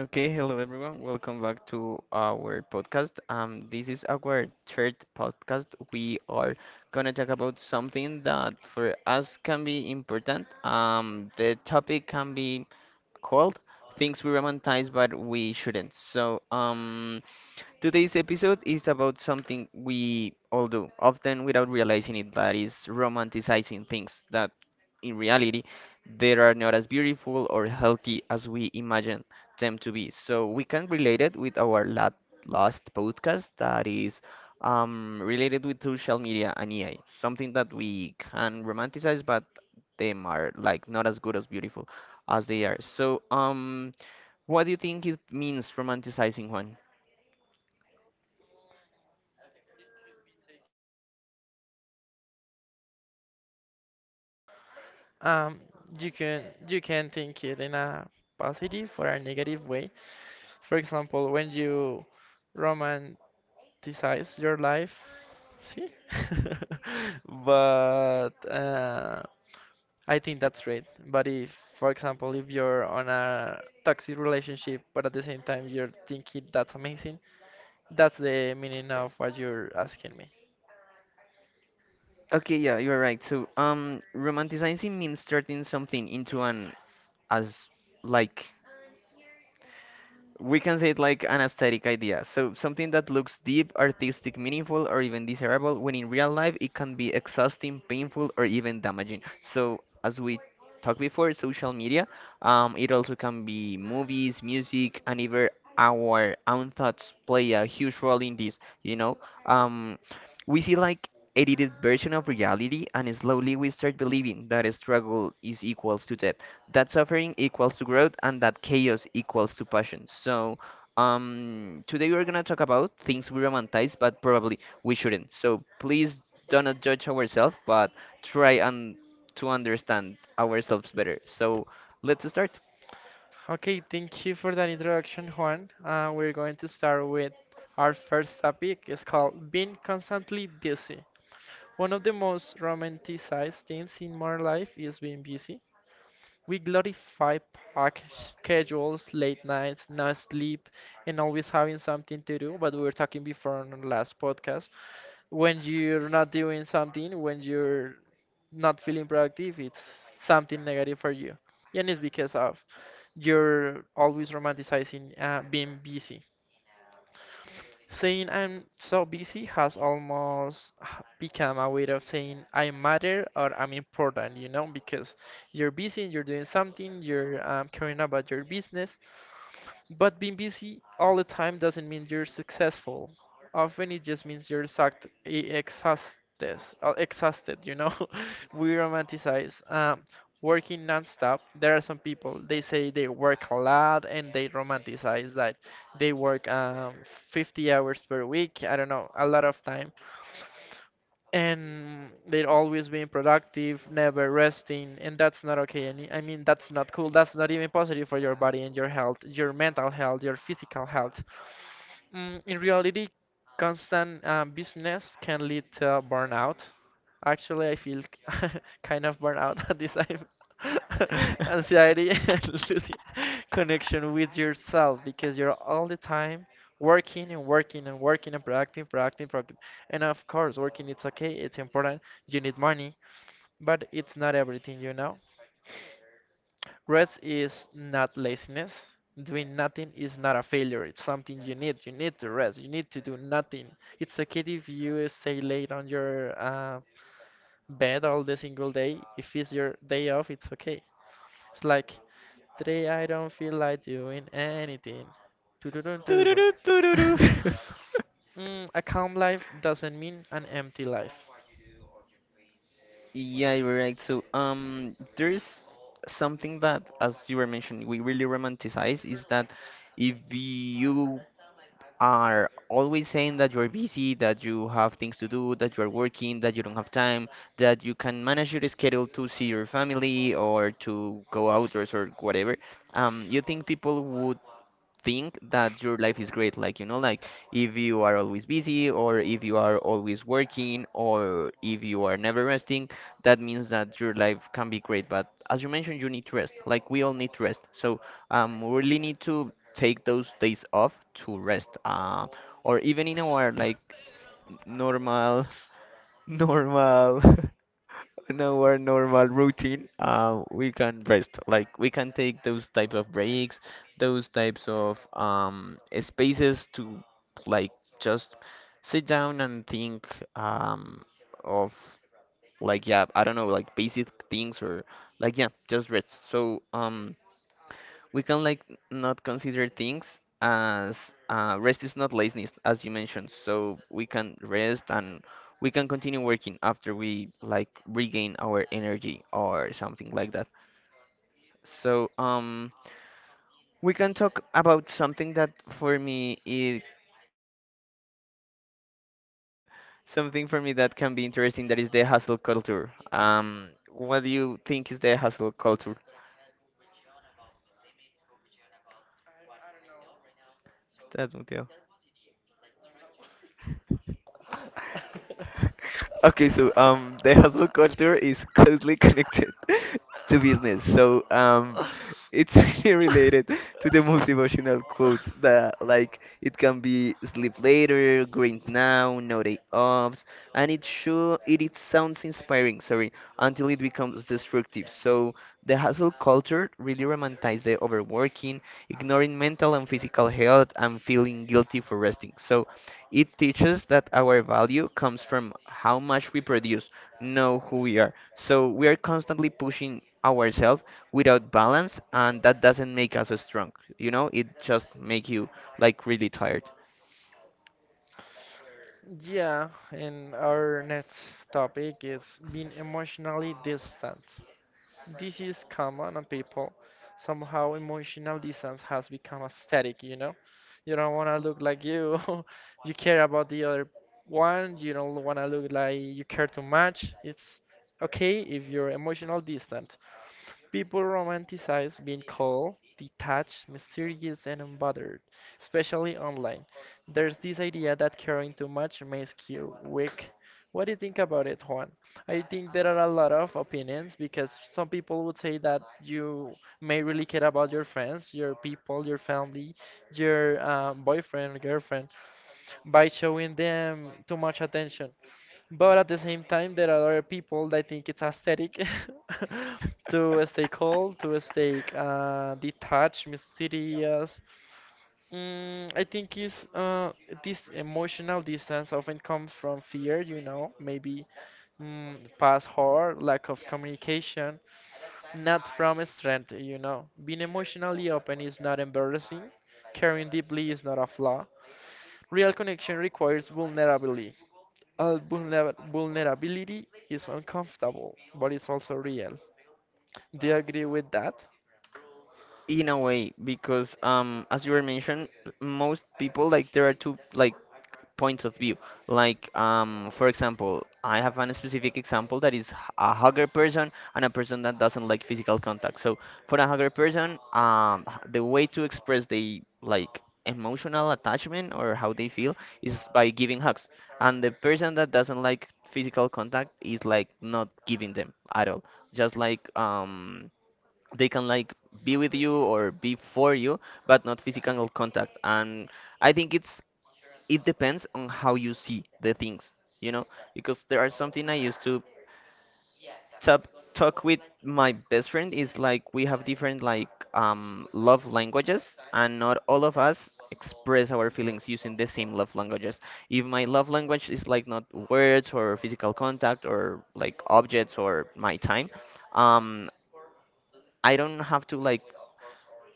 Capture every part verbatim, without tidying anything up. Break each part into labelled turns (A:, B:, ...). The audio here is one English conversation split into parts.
A: Okay, hello everyone. Welcome back to our podcast. Um, this is our third podcast. We are gonna talk about something that for us can be important. Um, the topic can be called things we romanticize but we shouldn't. So, um, Today's episode is about something we all do, often without realizing it, that is romanticizing things that, in reality, they are not as beautiful or healthy as we imagine them to be. So we can relate it with our la last podcast that is um, related with social media and A I, something that we can romanticize, but them are like not as good as beautiful as they are. So, um, what do you think it means romanticizing, Juan?
B: Um, you can you can think it in a positive or a negative way. For example, when you romanticize your life, see? But uh, I think that's great. But if, for example, if you're on a toxic relationship, but at the same time you're thinking that's amazing, that's the meaning of what you're asking me.
A: Okay, yeah, you're right. So, um, romanticizing means turning something into an as like we can say it like an aesthetic idea. So something that looks deep, artistic, meaningful, or even desirable, when in real life it can be exhausting, painful, or even damaging. So as we talked before, social media, um, it also can be movies, music, and even our own thoughts play a huge role in this. You know, um, we see like edited version of reality, and slowly we start believing that struggle is equals to death, that suffering equals to growth, and that chaos equals to passion. So, um, today we're gonna talk about things we romanticize, but probably we shouldn't. So please do not judge ourselves, but try and to understand ourselves better. So let's start.
B: Okay, thank you for that introduction, Juan. Uh, we're going to start with our first topic. It's called being constantly busy. One of the most romanticized things in modern life is being busy. We glorify packed schedules, late nights, no sleep, and always having something to do. But we were talking before on the last podcast when you're not doing something, when you're not feeling productive, it's something negative for you. And it's because of you're always romanticizing uh, being busy. Saying I'm so busy has almost h- become a way of saying I matter or I'm important, you know, because you're busy, you're doing something, you're um, caring about your business, but being busy all the time doesn't mean you're successful. Often it just means you're exact, e- exhausted, uh, exhausted, you know? We romanticize um, working nonstop. There are some people, they say they work a lot and they romanticize that they work um, fifty hours per week. I don't know, a lot of time and they're always being productive, never resting, and that's not okay. And I mean, that's not cool. That's not even positive for your body and your health, your mental health, your physical health. Mm, in reality, constant uh, business can lead to burnout. Actually, I feel kind of burnout at this time. Anxiety and losing connection with yourself because you're all the time working and working and working and producing, producing, producing. And of course, working it's okay, it's important. You need money, but it's not everything, you know. Rest is not laziness. Doing nothing is not a failure. It's something you need. You need to rest. You need to do nothing. It's okay if you stay late on your uh, bed all the single day. If it's your day off, it's okay. It's like today I don't feel like doing anything. Tududun, tududun.
A: Tururu, tururu.
B: Mm, a calm life doesn't mean an empty life.
A: Yeah, you're right. So, um, there's something that, as you were mentioning, we really romanticize is that if you are always saying that you're busy, that you have things to do, that you're working, that you don't have time, that you can manage your schedule to see your family or to go outdoors or whatever, um, you think people would think that your life is great, like you know, like if you are always busy, or if you are always working, or if you are never resting, that means that your life can be great. But as you mentioned, you need to rest, like we all need to rest. So um we really need to take those days off to rest, uh, or even in our like normal normal in our normal routine, uh, we can rest. Like we can take those type of breaks, those types of um, spaces to like just sit down and think um, of like yeah, I don't know, like basic things, or like yeah, just rest. So um, we can like not consider things as uh, rest is not laziness, as you mentioned. So we can rest and we can continue working after we like regain our energy or something like that. So um we can talk about something that for me is something for me that can be interesting, that is the hustle culture. Um what do you think is the hustle culture? Estás muteado. Okay, so um, the hustle culture is closely connected to business. So um, it's really related to the motivational quotes that like it can be sleep later, grind now, no day offs, and it sure it, it sounds inspiring. Sorry, until it becomes destructive. So the hustle culture really romanticizes the overworking, ignoring mental and physical health, and feeling guilty for resting. So it teaches that our value comes from how much we produce, not who we are. So we are constantly pushing ourselves without balance, and that doesn't make us strong. You know, it just make you like really tired
B: Yeah, and our next topic is being emotionally distant. This is common on people. Somehow emotional distance has become aesthetic, you know? You don't want to look like you. You care about the other one. You don't want to look like you care too much. It's okay if you're emotional distant. People romanticize being cold, detached, mysterious, and unbothered, especially online. There's this idea that caring too much makes you weak. What do you think about it, Juan? I think there are a lot of opinions because some people would say that you may really care about your friends, your people, your family, your uh, boyfriend, girlfriend by showing them too much attention. But at the same time, there are other people that think it's aesthetic to stay cold, to stay uh, detached, mysterious. Mm, I think is uh, this emotional distance often comes from fear, you know, maybe mm, past hurt, lack of communication, not from strength, you know. Being emotionally open is not embarrassing. Caring deeply is not a flaw. Real connection requires vulnerability. Uh, vulner- vulnerability is uncomfortable, but it's also real. Do you agree with that?
A: in a way. Because um as you were mentioned, most people like there are two like points of view. Like, um, for example, I have a specific example that is h- a hugger person and a person that doesn't like physical contact. So, for a hugger person, um, h- the way to express the like emotional attachment or how they feel is by giving hugs. And the person that doesn't like physical contact is like not giving them at all. Just like um, they can like be with you or be for you, but not physical contact. And I think it's it depends on how you see the things, you know, because there are something I used to tap, talk with my best friend is like we have different like um, love languages, and not all of us express our feelings using the same love languages. If my love language is like not words or physical contact or like objects or my time, um, I don't have to like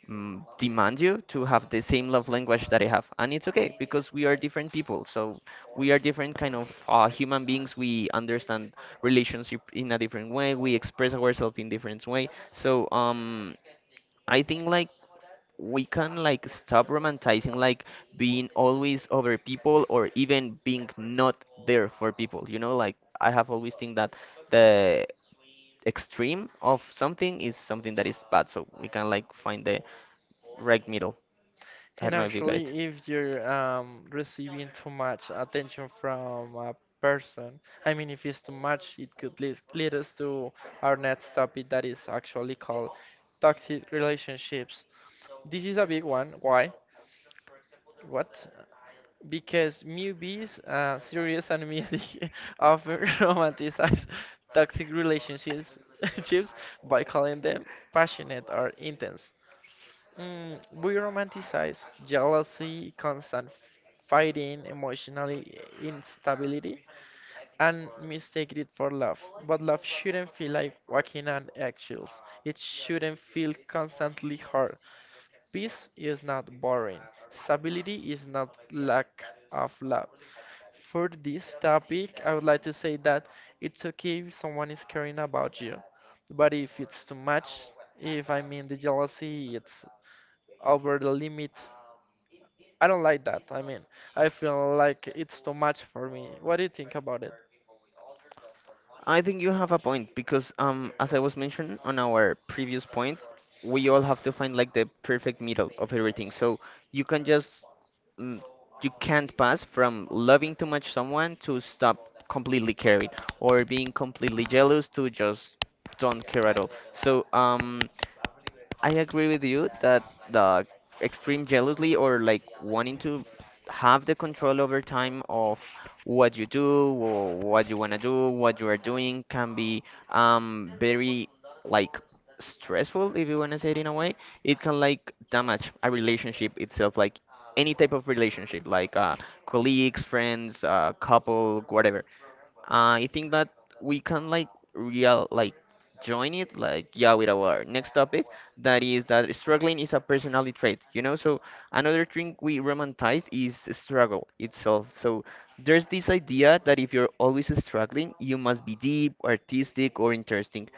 A: mm, demand you to have the same love language that I have, and it's okay because we are different people. So we are different kind of uh, human beings. We understand relationship in a different way. We express ourselves in different way. So um, I think like we can like stop romanticizing like being always over people or even being not there for people. You know, like I have always think that the extreme of something is something that is bad. So we can like find the right middle. I
B: And
A: don't know if you got it.
B: actually, if you're um, receiving too much attention from a person, I mean, if it's too much, it could lead, lead us to our next topic that is actually called toxic relationships. This is a big one. Why? What? Because movies, uh, series, and music often romanticize toxic relationships chips by calling them passionate or intense. Mm, we romanticize jealousy, constant fighting, emotional instability, and mistake it for love. But love shouldn't feel like walking on eggshells. It shouldn't feel constantly hard. Peace is not boring. Stability is not lack of love. For this topic, I would like to say that it's okay if someone is caring about you, but if it's too much, if I mean the jealousy, it's over the limit. I don't like that. I mean, I feel like it's too much for me. What do you think about it?
A: I think you have a point because, um, as I was mentioned on our previous point, we all have to find like the perfect middle of everything. So you can just, mm, you can't pass from loving too much someone to stop completely caring, or being completely jealous to just don't care at all. So, um, I agree with you that the extreme jealousy, or like wanting to have the control over time of what you do or what you want to do, what you are doing, can be um very like stressful if you want to say it in a way. It can like damage a relationship itself, like any type of relationship, like uh colleagues, friends, uh couple, whatever. Uh, I think that we can like real like join it like yeah with our next topic, that is that struggling is a personality trait, you know. So another thing we romanticize is struggle itself. So there's this idea that if you're always struggling you must be deep, artistic, or interesting,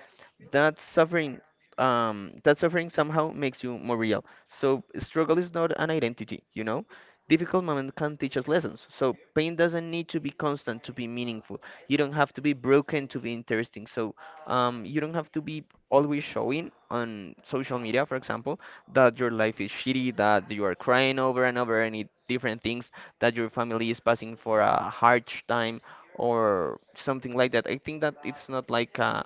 A: that suffering um that suffering somehow makes you more real. So struggle is not an identity, you know. Difficult moment can teach us lessons, so pain doesn't need to be constant to be meaningful. You don't have to be broken to be interesting. So um, you don't have to be always showing on social media, for example, that your life is shitty, that you are crying over and over any different things, that your family is passing for a hard time or something like that. I think that it's not like a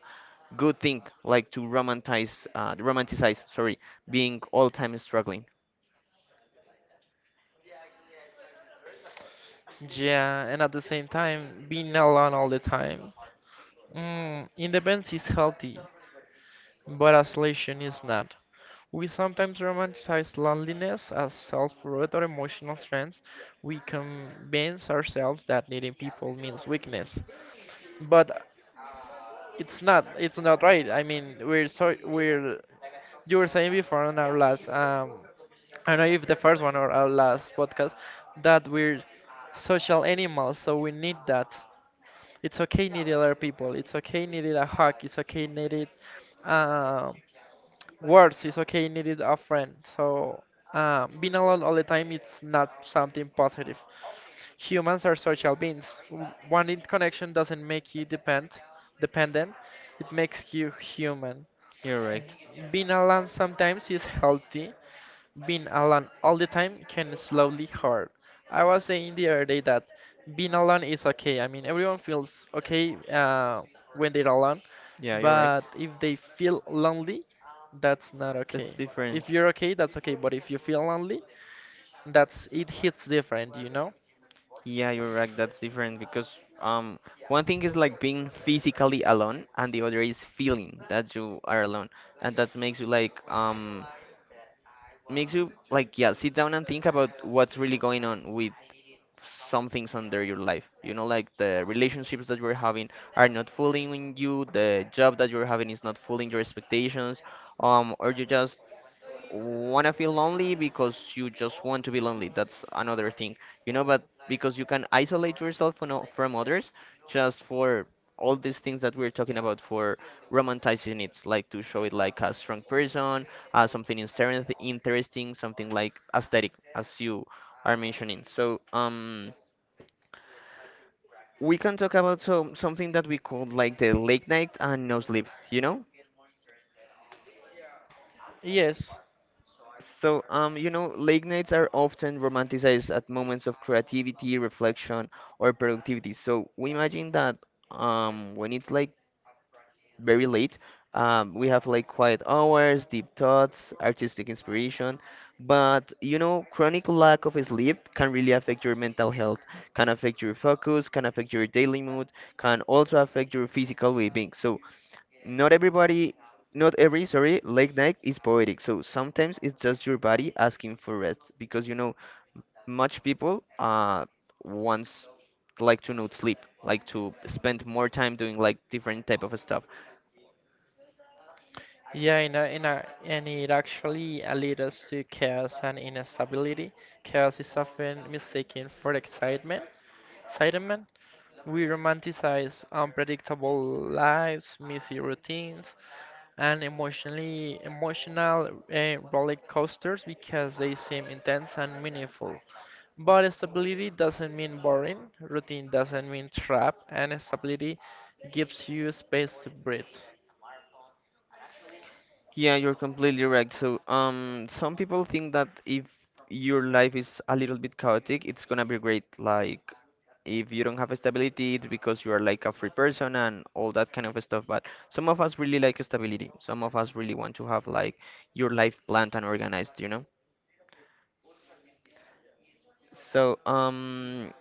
A: good thing, like to romanticize, uh, romanticize, sorry, being all time struggling.
B: Yeah, and at the same time, being alone all the time. Mm, independence is healthy, but isolation is not. We sometimes romanticize loneliness as self-worth or emotional strength. We convince ourselves that needing people means weakness, but it's not. It's not right. I mean, we're so we're. You were saying before on our last um, I don't know if the first one or our last podcast that we're social animals, so we need that. It's okay needing other people. It's okay needing a hug. It's okay needing um words is okay needed a friend so um, being alone all the time it's not something positive. Humans are social beings. W- wanting connection doesn't make you depend dependent, it makes you human.
A: You're right.
B: Being alone sometimes is healthy, being alone all the time can slowly hurt. I was saying the other day that being alone is okay. I mean, everyone feels okay uh, when they're alone,
A: Yeah, you're right.
B: but if they feel lonely, that's not
A: That's
B: okay.
A: different.
B: If you're okay, that's okay, but if you feel lonely, that's it hits different, you know?
A: Yeah, you're right. That's different. Because um, one thing is like being physically alone, and the other is feeling that you are alone, and that makes you like um, makes you like yeah, sit down and think about what's really going on with some things under your life. You know, like the relationships that you're having are not fooling you, the job that you're having is not fooling your expectations, um, or you just wanna feel lonely because you just want to be lonely. That's another thing, you know. But because you can isolate yourself from, o- from others, just for all these things that we're talking about, for romanticizing it, like to show it like a strong person, uh, something inter- interesting, something like aesthetic, as you are mentioning. So, um, we can talk about some something that we call like the late night and no sleep. You know.
B: Yes.
A: So, um, you know, late nights are often romanticized at moments of creativity, reflection, or productivity. So we imagine that um, when it's like very late, um, we have like quiet hours, deep thoughts, artistic inspiration. But you know, chronic lack of sleep can really affect your mental health, can affect your focus, can affect your daily mood, can also affect your physical well-being. So not everybody, not every, sorry, late night is poetic. So sometimes it's just your body asking for rest, because you know, much people uh wants like to not sleep, like to spend more time doing like different type of stuff.
B: Yeah, and, uh, and, uh, and it actually uh, leads us to chaos and instability. Chaos is often mistaken for excitement. Excitement We romanticize unpredictable lives, messy routines, and emotionally emotional uh, roller coasters because they seem intense and meaningful. But stability doesn't mean boring. Routine doesn't mean trap, and stability gives you space to breathe.
A: Yeah, you're completely right. So, um, some people think that if your life is a little bit chaotic, it's gonna be great. Like, if you don't have stability, it's because you are like a free person and all that kind of stuff. But some of us really like stability. Some of us really want to have like your life planned and organized, you know? So, um,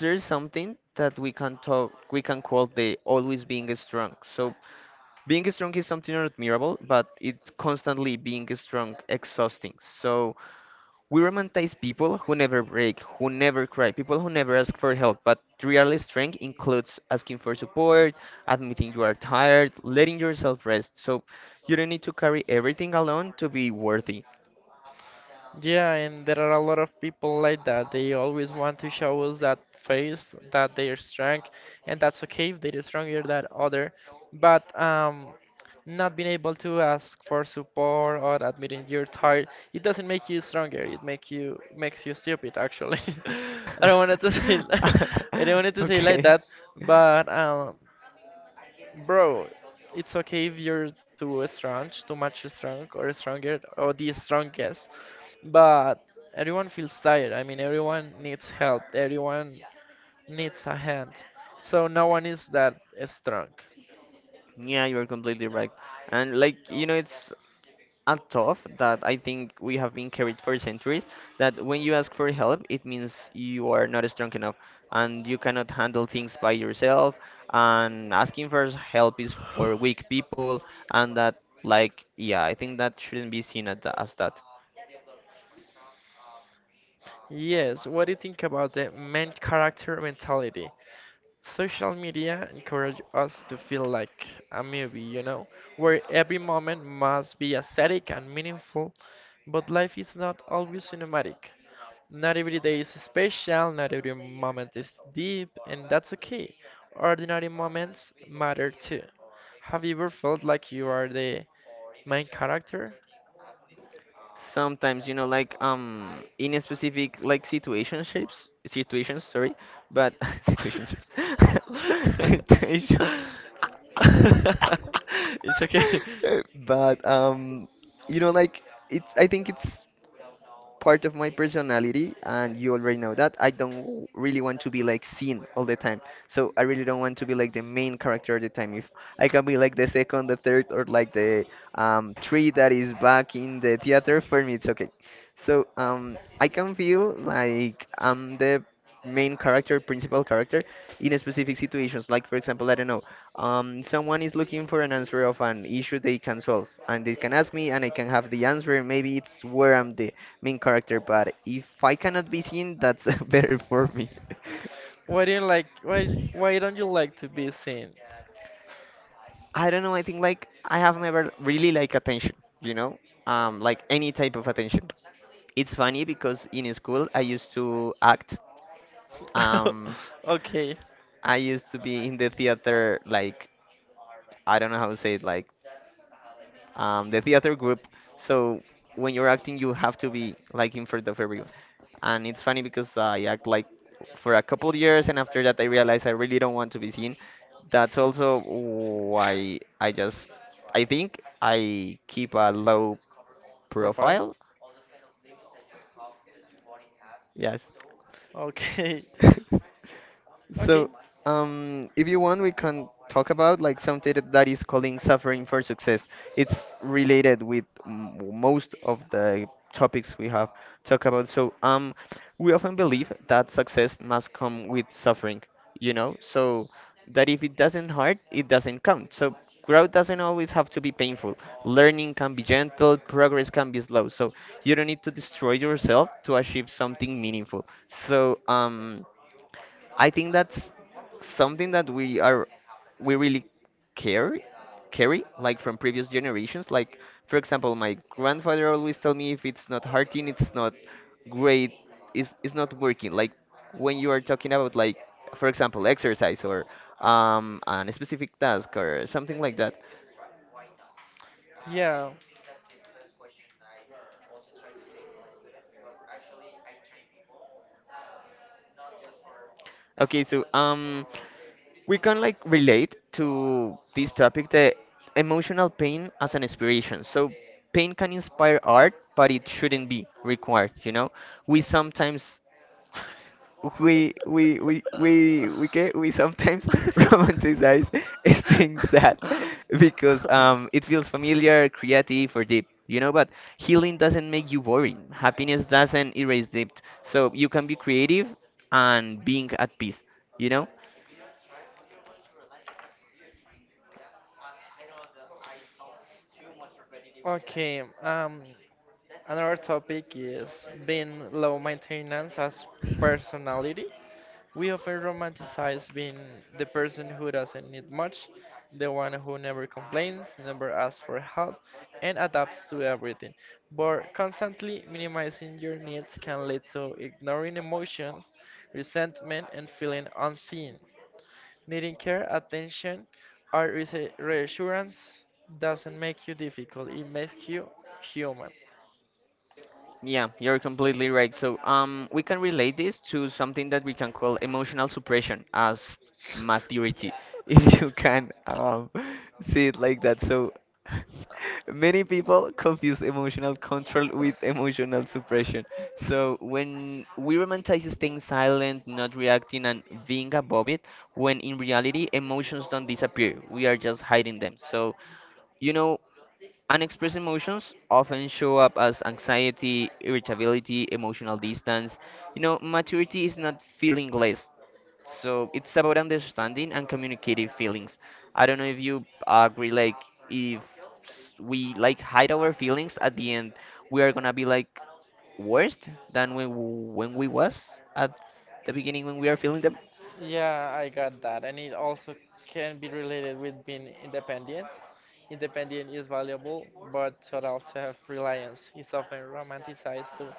A: there's something that we can talk, we can call the always being strong. So, being strong is something admirable, but it's constantly being strong exhausting. So, we romanticize people who never break, who never cry, people who never ask for help, but real strength includes asking for support, admitting you are tired, letting yourself rest. So you don't need to carry everything alone to be worthy.
B: Yeah, and there are a lot of people like that. They always want to show us that face, that they are strong, and that's okay if they are stronger than other. But um, not being able to ask for support or admitting you're tired, it doesn't make you stronger. It make you makes you stupid, actually. I don't wanted to say I don't wanted to say like
A: Okay.
B: that, but um, bro, it's okay if you're too strong, too much strong, or stronger, or the strongest. But everyone feels tired. I mean, everyone needs help. Everyone needs a hand. So no one is that strong.
A: Yeah, you're completely right. And like, you know, it's and tough that I think we have been carried for centuries. That when you ask for help, it means you are not strong enough and you cannot handle things by yourself. And asking for help is for weak people, and that, like, yeah, I think that shouldn't be seen as, tha- as that.
B: Yes, what do you think about the main character mentality? Social media encourage us to feel like a movie, you know, where every moment must be aesthetic and meaningful, but life is not always cinematic. Not every day is special, not every moment is deep, and that's okay. Ordinary moments matter too. Have you ever felt like you are the main character?
A: Sometimes, you know, like, um, in a specific, like, situationships, situations, sorry, but situationships, situations.
B: It's okay.
A: But um, you know, like it's. I think it's part of my personality, and you already know that I don't w- really want to be like seen all the time. So I really don't want to be like the main character all the time. If I can be like the second, the third, or like the um, three that is back in the theater, for me it's okay. So um, I can feel like I'm the main character, principal character, in a specific situations. Like for example, I don't know, um, someone is looking for an answer of an issue they can solve, and they can ask me, and I can have the answer. Maybe it's where I'm the main character, but if I cannot be seen, that's better for me.
B: Why do you like why why don't you like to be seen?
A: I don't know, I think like I have never really like attention, you know? Um, like any type of attention. It's funny because in school I used to act. Um,
B: Okay.
A: I used to be in the theater like I don't know how to say it, like um, the theater group. So when you're acting, you have to be like in front of everyone. And it's funny because I act like for a couple of years, and after that, I realized I really don't want to be seen. That's also why I just, I think I keep a low
B: Profile.
A: profile. Yes.
B: Okay. Okay.
A: So, um, if you want, we can talk about like something that that is calling suffering for success. It's related with m- most of the topics we have talked about. So, um, we often believe that success must come with suffering, you know? So, that if it doesn't hurt, it doesn't count. So growth doesn't always have to be painful. Learning can be gentle, progress can be slow. So you don't need to destroy yourself to achieve something meaningful. So um I think that's something that we are we really carry carry like from previous generations. Like for example, my grandfather always tell me if it's not hurting, it's not great, it's it's not working. Like when you are talking about like for example exercise or um, a specific task or something like that.
B: Yeah.
A: Okay, so um, we can like relate to this topic the emotional pain as an inspiration, so pain can inspire art but it shouldn't be required, you know? We sometimes we we we we we get we sometimes romanticize things sad because um it feels familiar, creative, or deep. You know, but healing doesn't make you boring. Happiness doesn't erase debt. So you can be creative and being at peace. You know.
B: Okay, um, another topic is being low maintenance as personality. We often romanticize being the person who doesn't need much, the one who never complains, never asks for help, and adapts to everything. But constantly minimizing your needs can lead to ignoring emotions, resentment, and feeling unseen. Needing care, attention, or reassu- reassurance doesn't make you difficult, it makes you human.
A: Yeah, you're completely right. So, um, we can relate this to something that we can call emotional suppression as maturity, if you can um, see it like that. So, many people confuse emotional control with emotional suppression. So, when we romanticize staying silent, not reacting, and being above it, when in reality, emotions don't disappear, we are just hiding them. So, you know, unexpressed emotions often show up as anxiety, irritability, emotional distance. You know, maturity is not feeling less. So it's about understanding and communicating feelings. I don't know if you agree, like, if s- we like hide our feelings at the end, we are gonna be like worse than when, when we was at the beginning when we are feeling them.
B: Yeah, I got that. And it also can be related with being independent. Independent is valuable, but total self-reliance is often romanticized to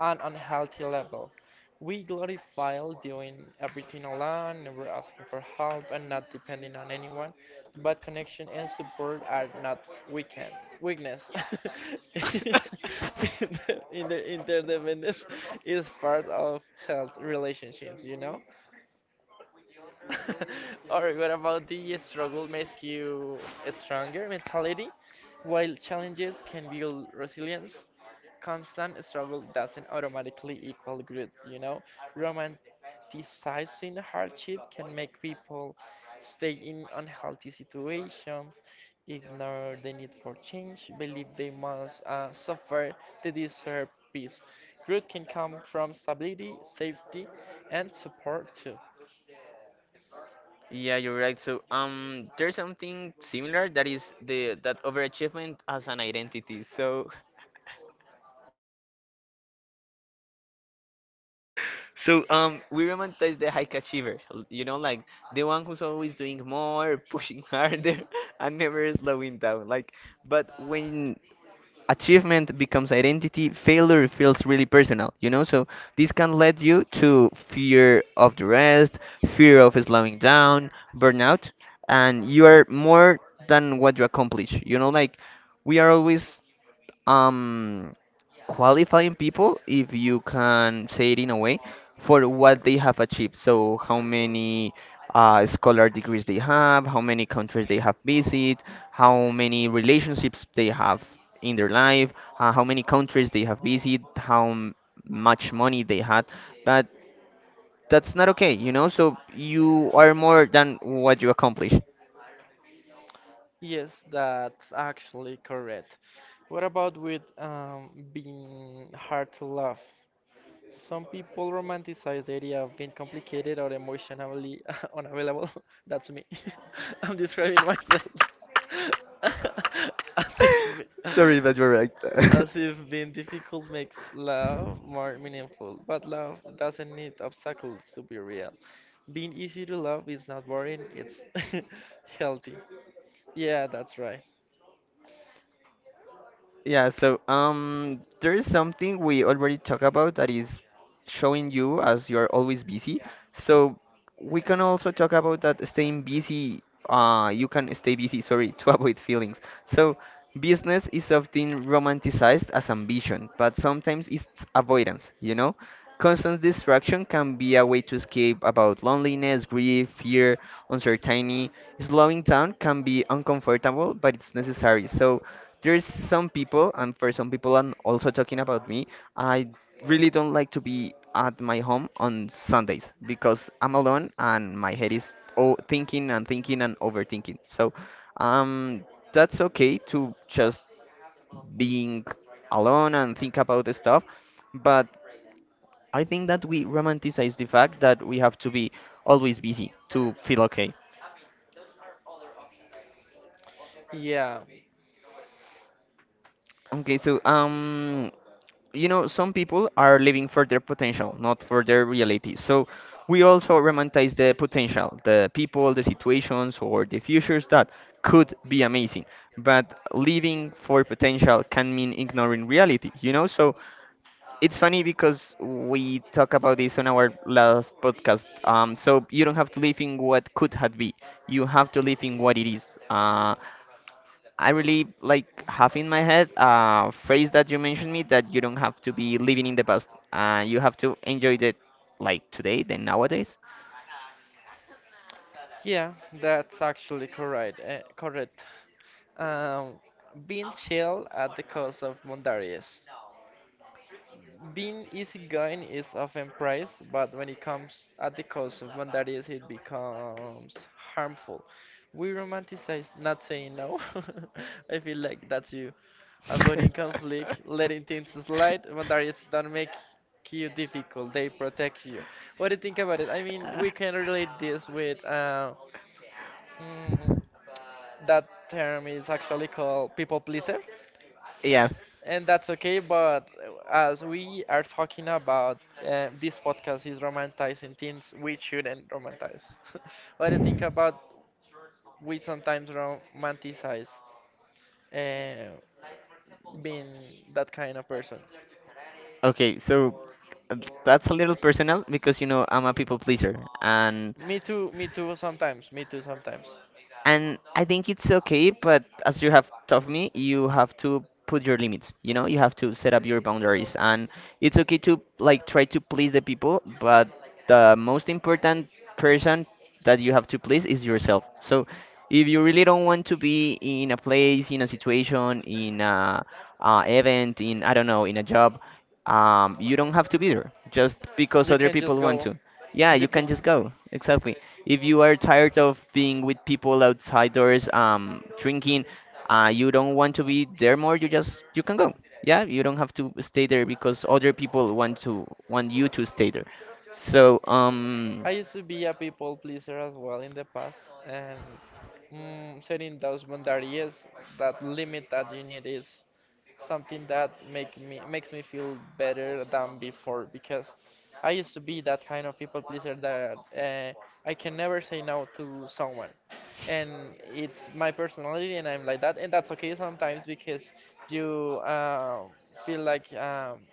B: an unhealthy level. We glorify doing everything alone, never asking for help, and not depending on anyone. But connection and support are not weekend weakness. Inter- inter- Interdependence is part of health relationships, you know? Or what about the struggle makes you a stronger mentality? While challenges can build resilience, constant struggle doesn't automatically equal good, you know? Romanticizing hardship can make people stay in unhealthy situations, ignore the need for change, believe they must uh, suffer to deserve peace. Growth can come from stability, safety, and support too.
A: Yeah, you're right. So, um, there's something similar that is the that overachievement as an identity. So, so um, we romanticize the high achiever. l- You know, like the one who's always doing more, pushing harder, and never slowing down. Like, but when achievement becomes identity, failure feels really personal, you know? So this can lead you to fear of the rest, fear of slowing down, burnout, and you are more than what you accomplish, you know? Like we are always um qualifying people, if you can say it in a way, for what they have achieved. So, how many uh, scholar degrees they have, how many countries they have visited, how many relationships they have in their life, uh, how many countries they have visited, how m- much money they had. But that's not okay, you know? So, you are more than what you accomplish.
B: Yes, that's actually correct. What about with um, being hard to love? Some people romanticize the idea of being complicated or emotionally unavailable. That's me. I'm describing myself as if be-
A: Sorry, but you're right.
B: as if being difficult makes love more meaningful, but love doesn't need obstacles to be real. Being easy to love is not boring, it's healthy. Yeah, that's right.
A: Yeah, so um, there is something we already talked about that is showing you as you are always busy. So we can also talk about that staying busy. Uh, you can stay busy, sorry, to avoid feelings. So business is often romanticized as ambition, but sometimes it's avoidance, you know? Constant distraction can be a way to escape about loneliness, grief, fear, uncertainty. Slowing down can be uncomfortable, but it's necessary. So there's some people, and for some people, I'm also talking about me, I really don't like to be at my home on Sundays because I'm alone and my head is o thinking and thinking and overthinking. So, um, that's okay to just being alone and think about the stuff, but I think that we romanticize the fact that we have to be always busy to feel okay.
B: Yeah.
A: Okay, so um, you know, some people are living for their potential, not for their reality. So we also romanticize the potential, the people, the situations, or the futures that could be amazing. But living for potential can mean ignoring reality, you know? So it's funny because we talk about this on our last podcast. Um, so you don't have to live in what could had be. You have to live in what it is. Uh, I really like have in my head a phrase that you mentioned me that you don't have to be living in the past. Uh, you have to enjoy it like today, then nowadays.
B: Yeah, that's actually correct. Uh, correct. Um, Being chill at the cost of Mondarius. Being easygoing is often praised, but when it comes at the cost of Mondarius, it becomes harmful. We romanticize not saying no. I feel like that's you. Avoiding conflict, letting things slide. Mondarius don't make you difficult; they protect you. What do you think about it? I mean, we can relate this with. Uh, Mm, That term is actually called people pleaser,
A: Yeah.
B: and that's okay. But as we are talking about uh, this podcast is romanticizing things we shouldn't romanticize. What do you think about we sometimes romanticize uh, being that kind of person?
A: Okay, so uh, that's a little personal because you know I'm a people pleaser, and
B: Me too, me too sometimes, me too sometimes.
A: and I think it's okay, but as you have taught me, you have to put your limits. You know, you have to set up your boundaries, and it's okay to like try to please the people, but the most important person that you have to please is yourself. So, if you really don't want to be in a place, in a situation, in a uh, event, in I don't know, in a job, um, you don't have to be there just because
B: You
A: other
B: can just
A: people want
B: go.
A: to. Yeah, you
B: You can.
A: can just go. Exactly. If you are tired of being with people outside doors, um, drinking, uh, you don't want to be there more. You just you can go. Yeah, you don't have to stay there because other people want to want you to stay there. So um,
B: I used to be a people pleaser as well in the past, and mm, setting those boundaries, that limit that you need is something that make me makes me feel better than before because I used to be that kind of people pleaser that uh, I can never say no to someone, and it's my personality, and I'm like that, and that's okay sometimes because you uh, feel like um,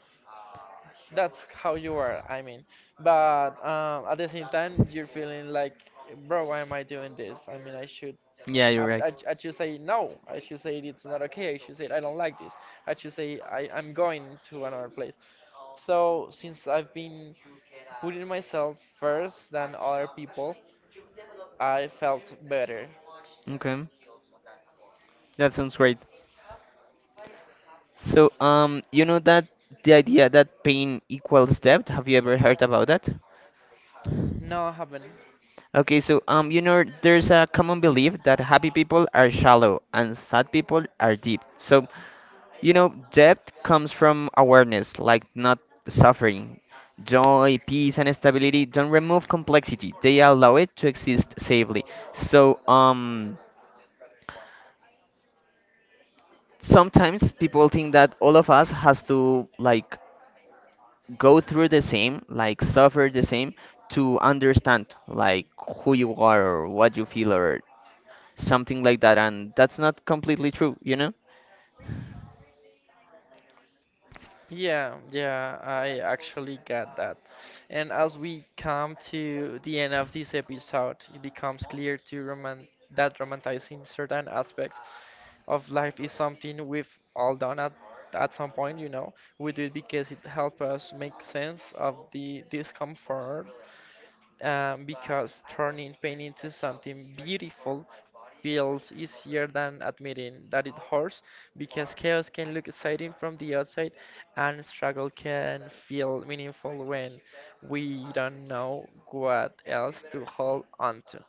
B: that's how you are, I mean, but um, at the same time you're feeling like, bro, why am I doing this? I mean, I should
A: yeah,
B: i,
A: you're right.
B: I, I should say no. I should say it's not okay. I should say I don't like this. I should say I, I'm going to another place. So since I've been putting myself first than other people, I felt better.
A: Okay, that sounds great. So, um, you know that the idea that pain equals depth, have you ever heard about that?
B: No, I haven't.
A: Okay, so um, you know, there's a common belief that happy people are shallow and sad people are deep. So, you know, depth comes from awareness, like not suffering. Joy, peace, and stability don't remove complexity; they allow it to exist safely. So, um, sometimes people think that all of us has to like go through the same, like suffer the same, to understand like who you are or what you feel or something like that, and that's not completely true, you know?
B: Yeah, yeah, I actually get that. And as we come to the end of this episode, it becomes clear to roman that romanticizing certain aspects of life is something we've all done at at some point, you know. We do it because it helps us make sense of the discomfort, um, because turning pain into something beautiful feels easier than admitting that it hurts, because chaos can look exciting from the outside and struggle can feel meaningful when we don't know what else to hold on to.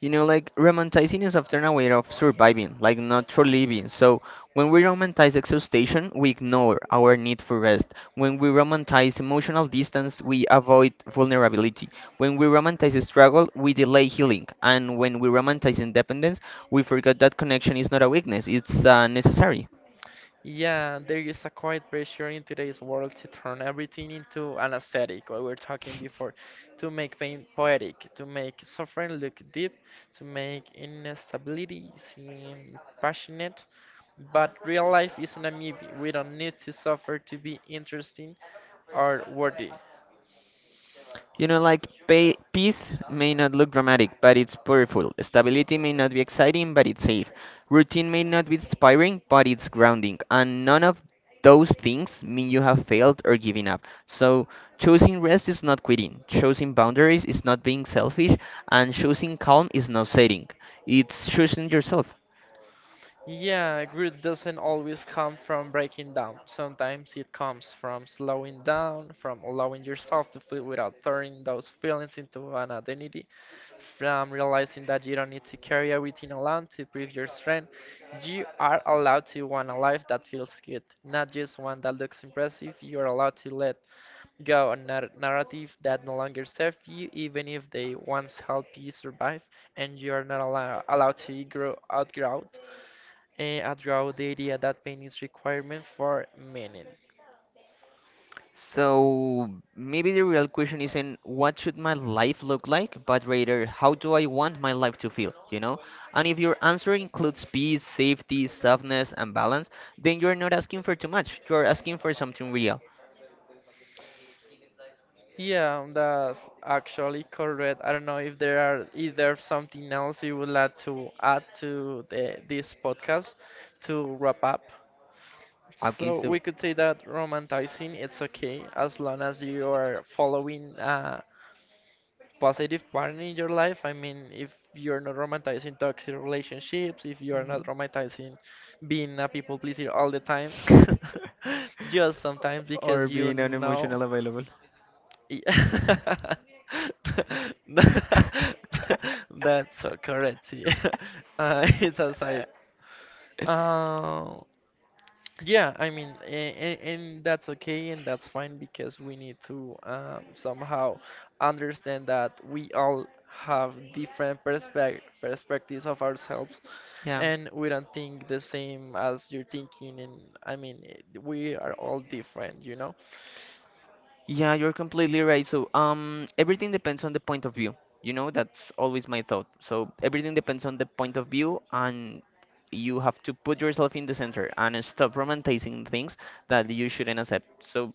A: You know, like romanticizing is often a way of surviving, like not for living. So when we romanticize exhaustion, we ignore our need for rest. When we romanticize emotional distance, we avoid vulnerability. When we romanticize struggle, we delay healing. And when we romanticize independence, we forget that connection is not a weakness, it's uh, necessary.
B: Yeah, there is a quiet pressure in today's world to turn everything into an aesthetic, what we were talking before, to make pain poetic, to make suffering look deep, to make instability seem passionate. But real life isn't a movie. We don't need to suffer to be interesting or worthy.
A: You know, like pay, peace may not look dramatic, but it's powerful. Stability may not be exciting, but it's safe. Routine may not be inspiring, but it's grounding. And none of those things mean you have failed or given up. So choosing rest is not quitting. Choosing boundaries is not being selfish, and choosing calm is not setting. It's choosing yourself.
B: Yeah, growth doesn't always come from breaking down. Sometimes it comes from slowing down, from allowing yourself to feel without turning those feelings into an identity. From realizing that you don't need to carry everything alone to prove your strength, you are allowed to want a life that feels good, not just one that looks impressive. You are allowed to let go a nar- narrative that no longer serves you, even if they once helped you survive, and you are not allow- allowed to grow outgrow, uh, outgrow the idea that pain is requirement for meaning.
A: So maybe the real question isn't what should my life look like, but rather how do I want my life to feel, you know? And if your answer includes peace, safety, softness, and balance, then you're not asking for too much. You're asking for something real.
B: Yeah, that's actually correct. I don't know if there are is there something else you would like to add to the this podcast to wrap up.
A: Okay,
B: So
A: so
B: we could say that romanticizing it's okay as long as you are following a positive pattern in your life. I mean, if you're not romanticizing toxic relationships, if you are not
A: mhm.
B: romanticizing being a people pleaser all the time, just sometimes
A: Or
B: because you
A: being
B: know.
A: unemotional available.
B: Y- That's so correct. Yeah. Uh, it's aside. Uh, yeah, I mean, and, and that's okay and that's fine because we need to um, somehow understand that we all have different perspec perspectives of ourselves
A: Yeah.
B: and we don't think the same as you're thinking. And I mean, eh, we are all different, you know?
A: Yeah, you're completely right. So, um, everything depends on the point of view. You know, that's always my thought. So, everything depends on the point of view, and you have to put yourself in the center and stop romanticizing things that you shouldn't accept. So,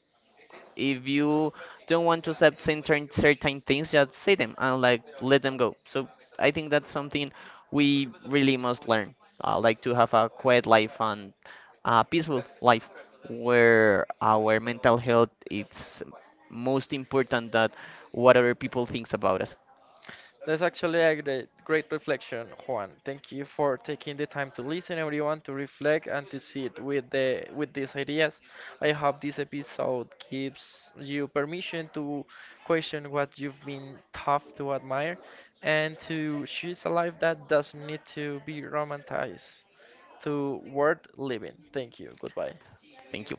A: if you don't want to accept certain certain things, just say them and like let them go. So I think that's something we really must learn. Uh, like to have a quiet life and a peaceful life where our mental health is most important than what other people thinks about us.
B: That's actually a great, great reflection, Juan. Thank you for taking the time to listen, everyone, to reflect and to sit with the with these ideas. I hope this episode gives you permission to question what you've been tough to admire and to choose a life that doesn't need to be romanticized to worth living. Thank you. Goodbye.
A: Thank you.